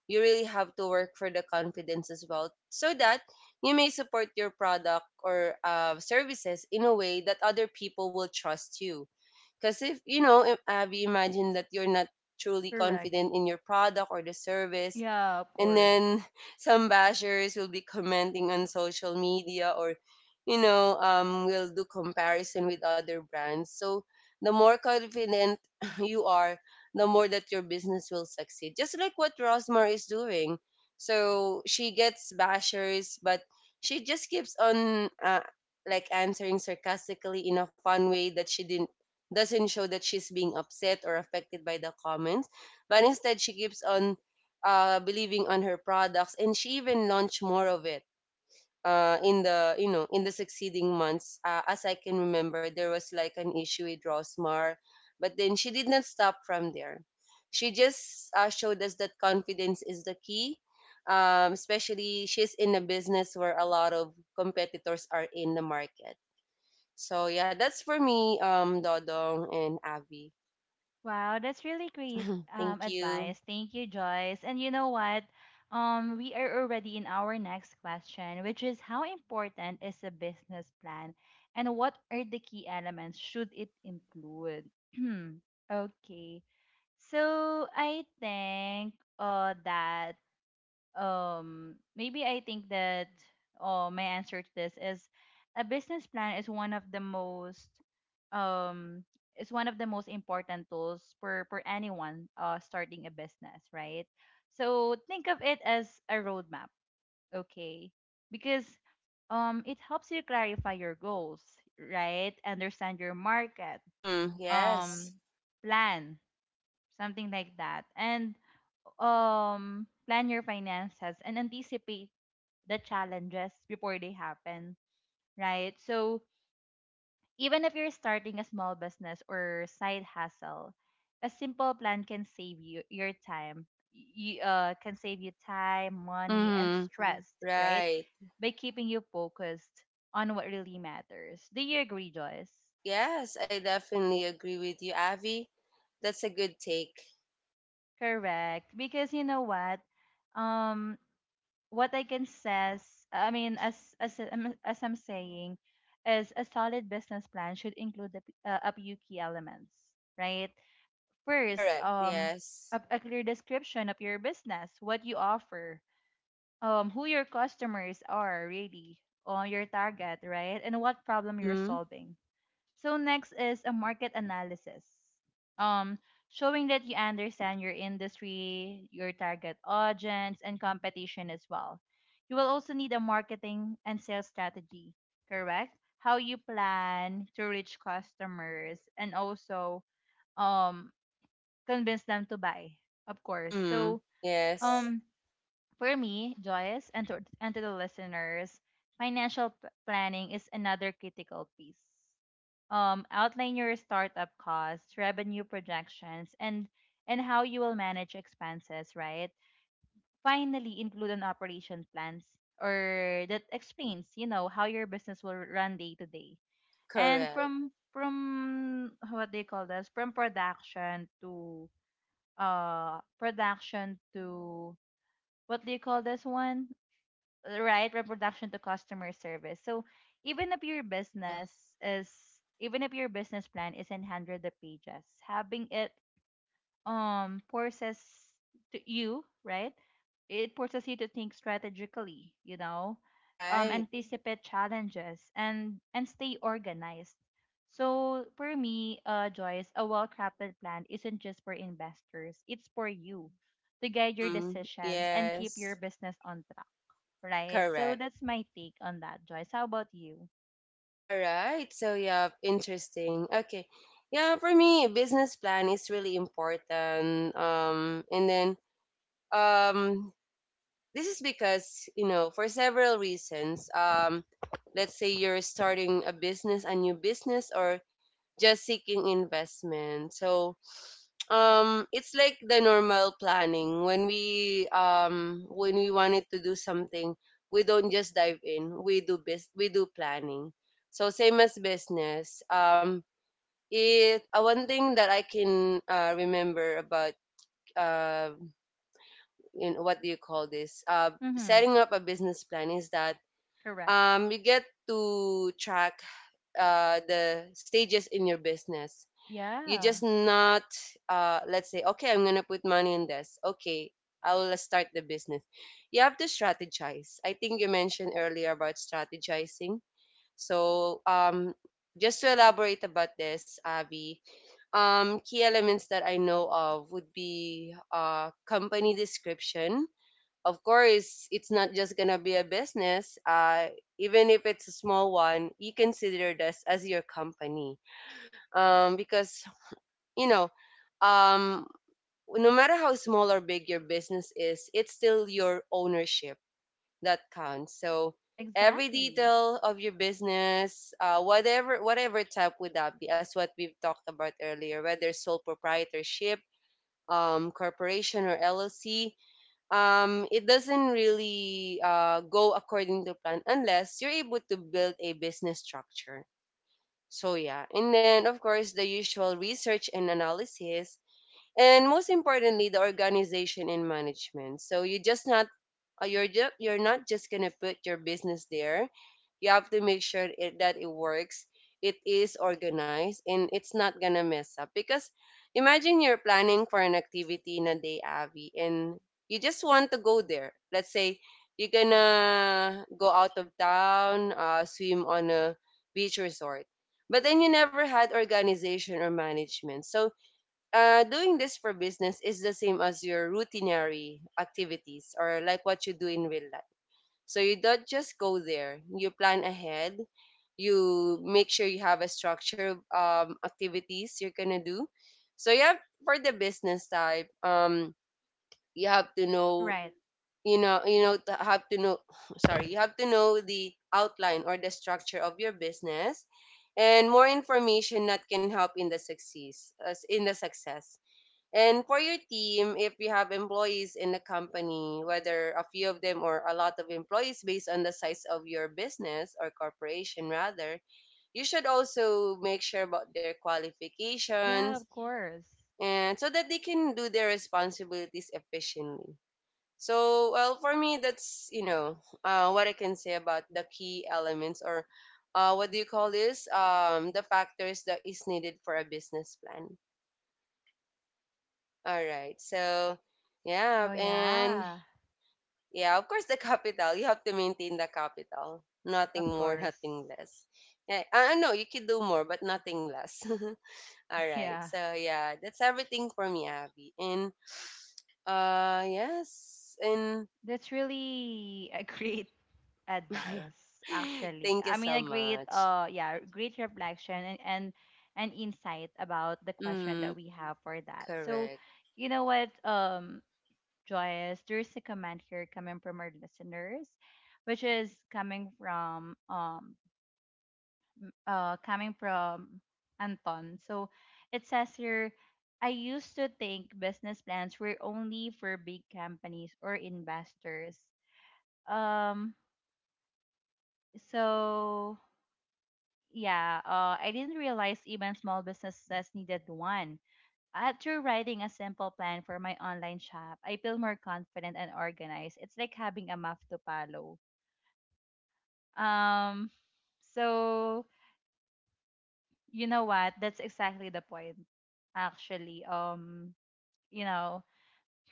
S2: You really have to work for the confidence as well, so that you may support your product or services in a way that other people will trust you. Because if you know, if Abby, imagine that you're not truly
S1: Correct.
S2: confident in your product or the service,
S1: Yeah, of
S2: and
S1: course.
S2: then some bashers will be commenting on social media, or you know, will do comparison with other brands. So the more confident you are, the more that your business will succeed, just like what Rosmar is doing. So she gets bashers, but she just keeps on like answering sarcastically in a fun way, that she didn't, doesn't show that she's being upset or affected by the comments, but instead she keeps on believing on her products, and she even launched more of it in the, you know, in the succeeding months. As I can remember, there was like an issue with Rosmar, but then she did not stop from there. She just showed us that confidence is the key, especially she's in a business where a lot of competitors are in the market. So yeah, that's for me, Dodong and Abby.
S1: Wow, that's really great
S2: Thank you.
S1: advice. Thank you, Joyce. And you know what? We are already in our next question, which is how important is a business plan and what are the key elements should it include? Okay. So I think that maybe I think that oh my answer to this is a business plan is one of the most um is one of the most important tools for anyone starting a business, right? So think of it as a roadmap, okay? Because it helps you clarify your goals, right? Understand your market,
S2: Mm, yes.
S1: um plan, something like that. And plan your finances and anticipate the challenges before they happen, right? So even if you're starting a small business or side hustle, a simple plan can save you your time. You can save you time, money, and
S2: Mm,
S1: stress, right?
S2: right.
S1: By keeping you focused on what really matters. Do you agree, Joyce?
S2: Yes, I definitely agree with you, Avi. That's a good take.
S1: Correct. Because you know what? Um what I can says, I mean, as I'm saying, is a solid business plan should include the a few key elements, right? First,
S2: Correct. Yes.
S1: a clear description of your business, what you offer, who your customers are really, or your target, right, and what problem you're
S2: Mm-hmm.
S1: solving. So next is a market analysis. Um, Showing that you understand your industry, your target audience, and competition as well. You will also need a marketing and sales strategy, correct? How you plan to reach customers and also um convince them to buy, of course.
S2: Mm.
S1: So
S2: Yes.
S1: um for me, Joyce, and and to the listeners, financial planning is another critical piece. Outline your startup costs, revenue projections, and how you will manage expenses, right? Finally, include an operation plans or that explains, you know, how your business will run day to day. And
S2: Correct.
S1: from what they call this, from production to uh production to what do you call this one? Right, reproduction to customer service. So even if your
S2: Uh,
S1: business is even if your business plan is in 100 of pages, having it forces to you, right, it forces you to think strategically, you know,
S2: right.
S1: anticipate challenges and stay organized. So for me, Joyce, a well-crafted plan isn't just for investors, it's for you to guide your
S2: Mm.
S1: decisions and keep your
S2: Yes,
S1: business on track, right? So
S2: correct.
S1: that's my take on that, Joyce. How about you?
S2: All right. So, yeah, interesting. Okay. Yeah, for me, business plan is really important. And then um This is because, you know, for several reasons. Let's say you're starting a business, a new business, or just seeking investment. So, it's like the normal planning. When we wanted to do something, we don't just dive in. We we do planning. So same as business. It One thing that I can remember about um you know, what do you call this?
S1: Mm-hmm.
S2: Setting up a business plan is that
S1: Correct.
S2: you get to track the stages in your business. You
S1: Yeah,
S2: just not, let's say, okay, I'm gonna put money in this. Okay, I will start the business. You have to strategize. I think you mentioned earlier about strategizing. So, um, just to elaborate about this, Avi, key elements that I know of would be company description. Of course, it's not just gonna be a business. Even if it's a small one, you consider this as your company. Um, because you know, um, no matter how small or big your business is, it's still your ownership that counts. So every
S1: exactly.
S2: detail of your business, whatever type would that be, as what we've talked about earlier, whether sole proprietorship, corporation or LLC. It doesn't really go according to plan unless you're able to build a business structure. So yeah, and then of course the usual research and analysis, and most importantly the organization and management. So you just not, you're not just gonna put your business there. You have to make sure that it works, it is organized, and it's not gonna mess up. Because imagine you're planning for an activity in a day, Avi, and you just want to go there. Let's say you're gonna go out of town, swim on a beach resort, but then you never had organization or management. So doing this for business is the same as your routinary activities or like what you do in real life. So you don't just go there. You plan ahead. You make sure you have a structure of activities you're gonna do. So you have, for the business type, you have to know, you know, you know, to have to know. Sorry, you have to know the outline or the structure of your business, and more information that can help in the success, as in the success. And for your team, if you have employees in the company, whether a few of them or a lot of employees based on the size of your business or corporation rather, you should also make sure about their
S1: Yeah,
S2: qualifications,
S1: of course.
S2: and so that they can do their responsibilities efficiently. So, well, for me, what I can say about the key elements, or what do you call this? The factors that is needed for a business plan. All right. Yeah,
S1: Oh,
S2: and
S1: yeah,
S2: yeah, of course the capital. You have to maintain the capital.
S1: of
S2: Nothing more,
S1: course.
S2: nothing less. Yeah, I know you could do more, but nothing less. All right.
S1: Yeah,
S2: So, yeah, that's everything for me, Abby. And yes, and
S1: that's really a great advice, actually.
S2: Thank you
S1: I mean,
S2: so
S1: a great,
S2: much.
S1: yeah, great reflection and insight about the question
S2: Mm,
S1: that we have for that. So,
S2: correct.
S1: you know what? Joyous, there's a comment here coming from our listeners, which is coming from Anton. So it says here, I used to think business plans were only for big companies or investors. Um, so yeah, I didn't realize even small businesses needed one. After writing a simple plan for my online shop, I feel more confident and organized. It's like having a map to follow. Um, so you know what? That's exactly the point, actually. You know,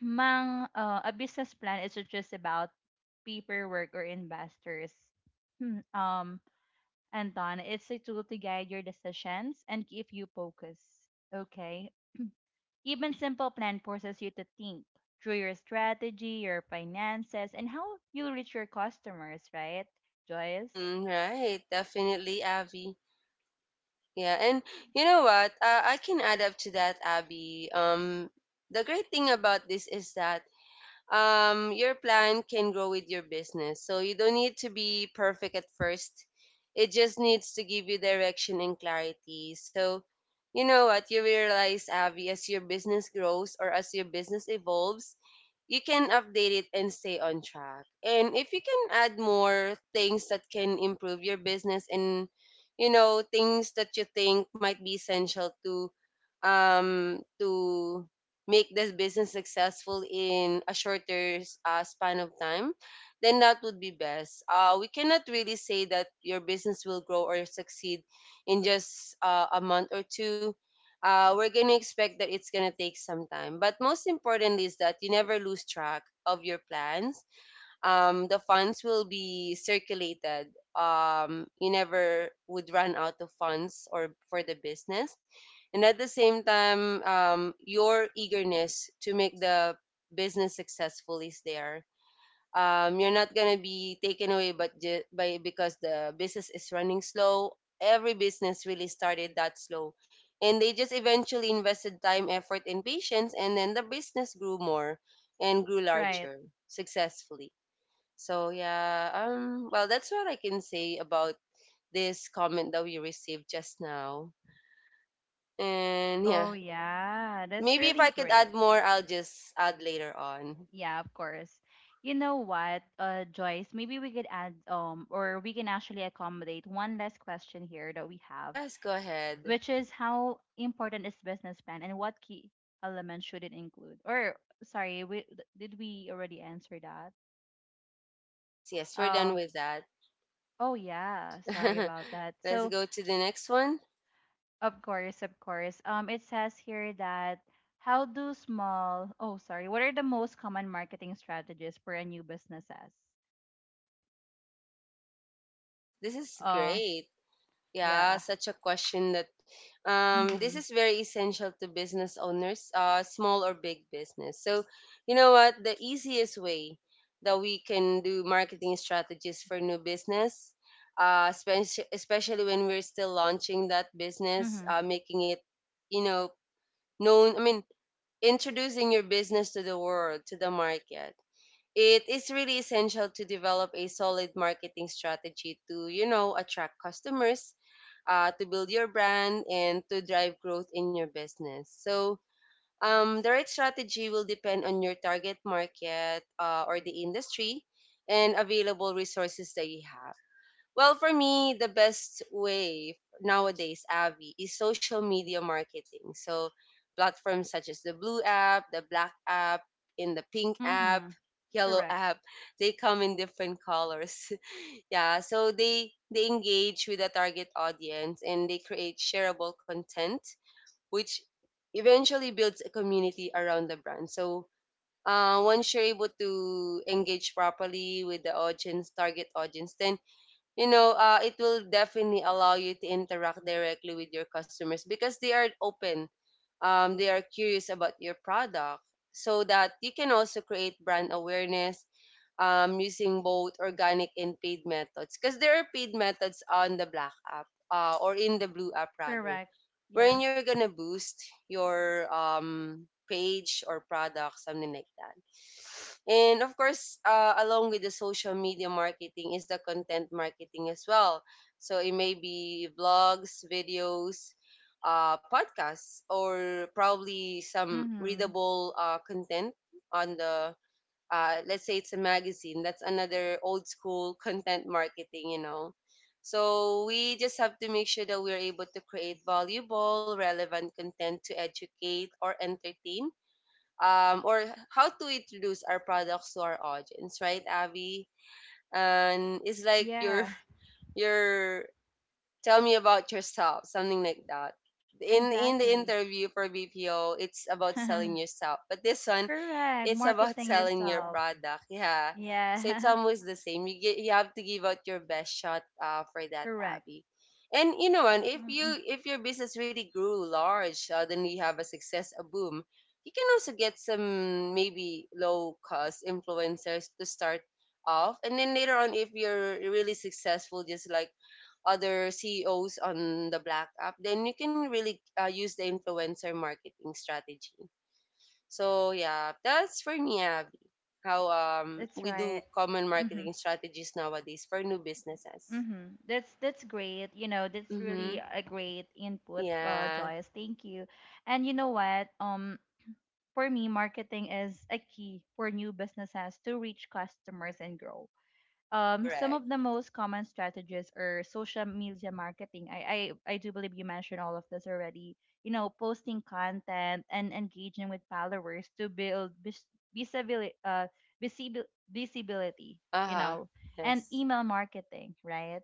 S1: mang a business plan isn't just about paperwork or investors. Hmm. Anton, it's a tool to guide your decisions and keep you focused. Okay. Even simple plan forces you to think through your strategy, your finances, and how you reach your customers, right, Joyce?
S2: Mm, right. Definitely, Abby. Yeah, and you know what? I can add up to that, Abby. The great thing about this is that your plan can grow with your business. So you don't need to be perfect at first. It just needs to give you direction and clarity. So you know what you realize, Avi, as your business grows or as your business evolves, you can update it and stay on track. And if you can add more things that can improve your business, and you know things that you think might be essential to um to make this business successful in a shorter span of time, then that would be best. We cannot really say that your business will grow or succeed in just a month or two. We're going to expect that it's going to take some time. But most importantly is that you never lose track of your plans. The funds will be circulated. You never would run out of funds or for the business. And at the same time, your eagerness to make the business successful is there. You're not gonna be taken away, but ju- by because the business is running slow. Every business really started that slow, and they just eventually invested time, effort, and patience, and then the business grew more and grew
S1: Right.
S2: larger successfully. That's what I can say about this comment that we received just now. And yeah,
S1: Oh, yeah, that's
S2: maybe if I
S1: really
S2: could add
S1: great.
S2: more, I'll just add later on.
S1: Yeah, of course. You know what, Joyce, maybe we could add, or we can actually accommodate one last question here that we have,
S2: Yes, go ahead.
S1: which is how important is business plan and what key elements should it include? Or sorry, we did we already answer that?
S2: Yes, yes, we're done
S1: Uh,
S2: with that.
S1: oh yeah, sorry about that.
S2: Let's
S1: So,
S2: go to the next one.
S1: of course, of course. It says here that oh, sorry, what are the most common marketing strategies for a new businesses?
S2: This is
S1: Uh,
S2: great. Yeah,
S1: yeah.
S2: Such a question that this
S1: Mm-hmm.
S2: is very essential to business owners, small or big business. So, you know what? The easiest way that we can do marketing strategies for new business, especially when we're still launching that business,
S1: Mm-hmm.
S2: making it, you know, known, I mean, introducing your business to the world, to the market. It is really essential to develop a solid marketing strategy to, you know, attract customers, to build your brand and to drive growth in your business. The right strategy will depend on your target market, or the industry and available resources that you have. Well, for me, the best way nowadays, Avi, is social media marketing. So, platforms such as the blue app, the black app, in the pink app,
S1: Mm-hmm.
S2: yellow
S1: Correct.
S2: app, they come in different colors. Yeah, so they engage with the target audience and they create shareable content, which eventually builds a community around the brand. So once you're able to engage properly with the audience, target audience, then you know it will definitely allow you to interact directly with your customers because they are open. They are curious about your product, so that you can also create brand awareness using both organic and paid methods, because there are paid methods on the black app, or in the blue app rather,
S1: Correct. Yeah.
S2: wherein you're gonna boost your page or product, something like that. And of course, along with the social media marketing is the content marketing as well. So it may be vlogs, videos, podcasts, or probably some
S1: Mm-hmm.
S2: readable content on the, let's say it's a magazine. That's another old school content marketing, you know. So we just have to make sure that we're able to create valuable relevant content to educate or entertain, or how to introduce our products to our audience, right, Avi? And it's like your
S1: Yeah.
S2: your tell me about yourself, something like that. In the
S1: Exactly.
S2: interview for BPO, it's about selling yourself, but this one,
S1: Correct.
S2: it's about
S1: Marketing
S2: selling your
S1: yourself.
S2: product. Yeah. So it's
S1: Yeah.
S2: almost the same. You have to give out your best shot, for that,
S1: Correct.
S2: Abby. And you know, and
S1: Mm-mm.
S2: if your business really grew large, suddenly you have a success, a boom, you can also get some maybe low cost influencers to start off, and then later on, if you're really successful, just like other CEOs on the Black App, then you can really use the influencer marketing strategy. So yeah, that's for me, how
S1: That's
S2: we do
S1: right.
S2: common
S1: Mm-hmm.
S2: marketing strategies nowadays for new businesses.
S1: Mm-hmm. That's great. You know, that's
S2: Mm-hmm.
S1: really a great input,
S2: Yeah,
S1: Joyce. Thank you. And you know what? For me, marketing is a key for new businesses to reach customers and grow. Some
S2: correct.
S1: of the most common strategies are social media marketing. I do believe you mentioned all of this already. You know, posting content and engaging with followers to build visibility, visibility. You
S2: Uh-huh.
S1: know, and
S2: Yes.
S1: email marketing, right?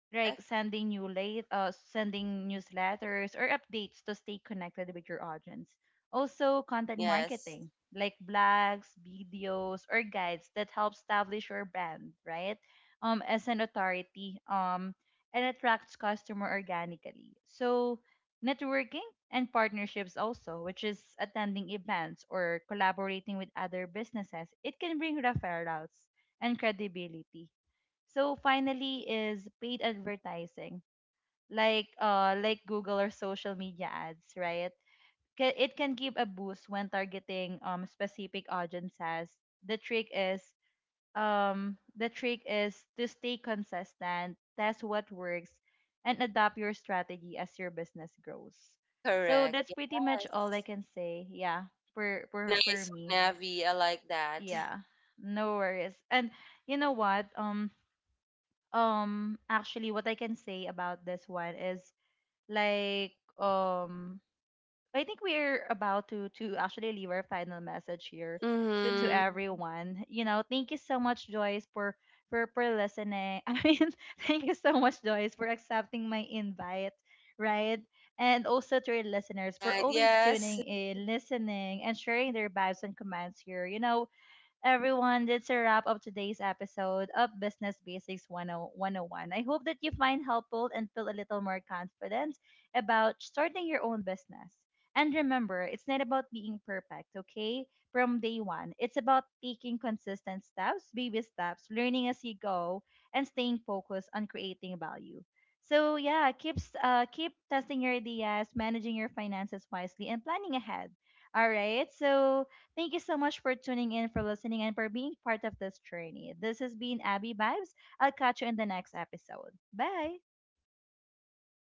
S2: Correct?
S1: Like sending newsletters or updates to stay connected with your audience. Also content
S2: Yes.
S1: marketing, like blogs, videos or guides that help establish your brand, right, as an authority, and attracts customer organically. So networking and partnerships also, which is attending events or collaborating with other businesses, it can bring referrals and credibility. So finally is paid advertising, like Google or social media ads, right? It can give a boost when targeting specific audiences. The trick is to stay consistent, test what works, and adapt your strategy as your business grows. So
S2: Correct.
S1: that's pretty much all
S2: Yes.
S1: I can say. Yeah,
S2: Very nice,
S1: for me.
S2: Navi. I like that.
S1: Yeah, no worries. And you know what? Actually what I can say about this one is like, um I think we're about to actually leave our final message here to
S2: Mm-hmm.
S1: everyone. You know, thank you so much Joyce for listening. I mean, thank you so much Joyce for accepting my invite, right? And also to your listeners for
S2: Right.
S1: always
S2: Yes.
S1: tuning in, listening, and sharing their vibes and comments here. You know, everyone. That's a wrap of today's episode of Business Basics 10- 101. I hope that you find helpful and feel a little more confident about starting your own business. And remember, it's not about being perfect, okay? From day one, it's about taking consistent steps, baby steps, learning as you go, and staying focused on creating value. So yeah, keep testing your ideas, managing your finances wisely, and planning ahead. All right. So thank you so much for tuning in, for listening, and for being part of this journey. This has been Abby Vibes. I'll catch you in the next episode. Bye.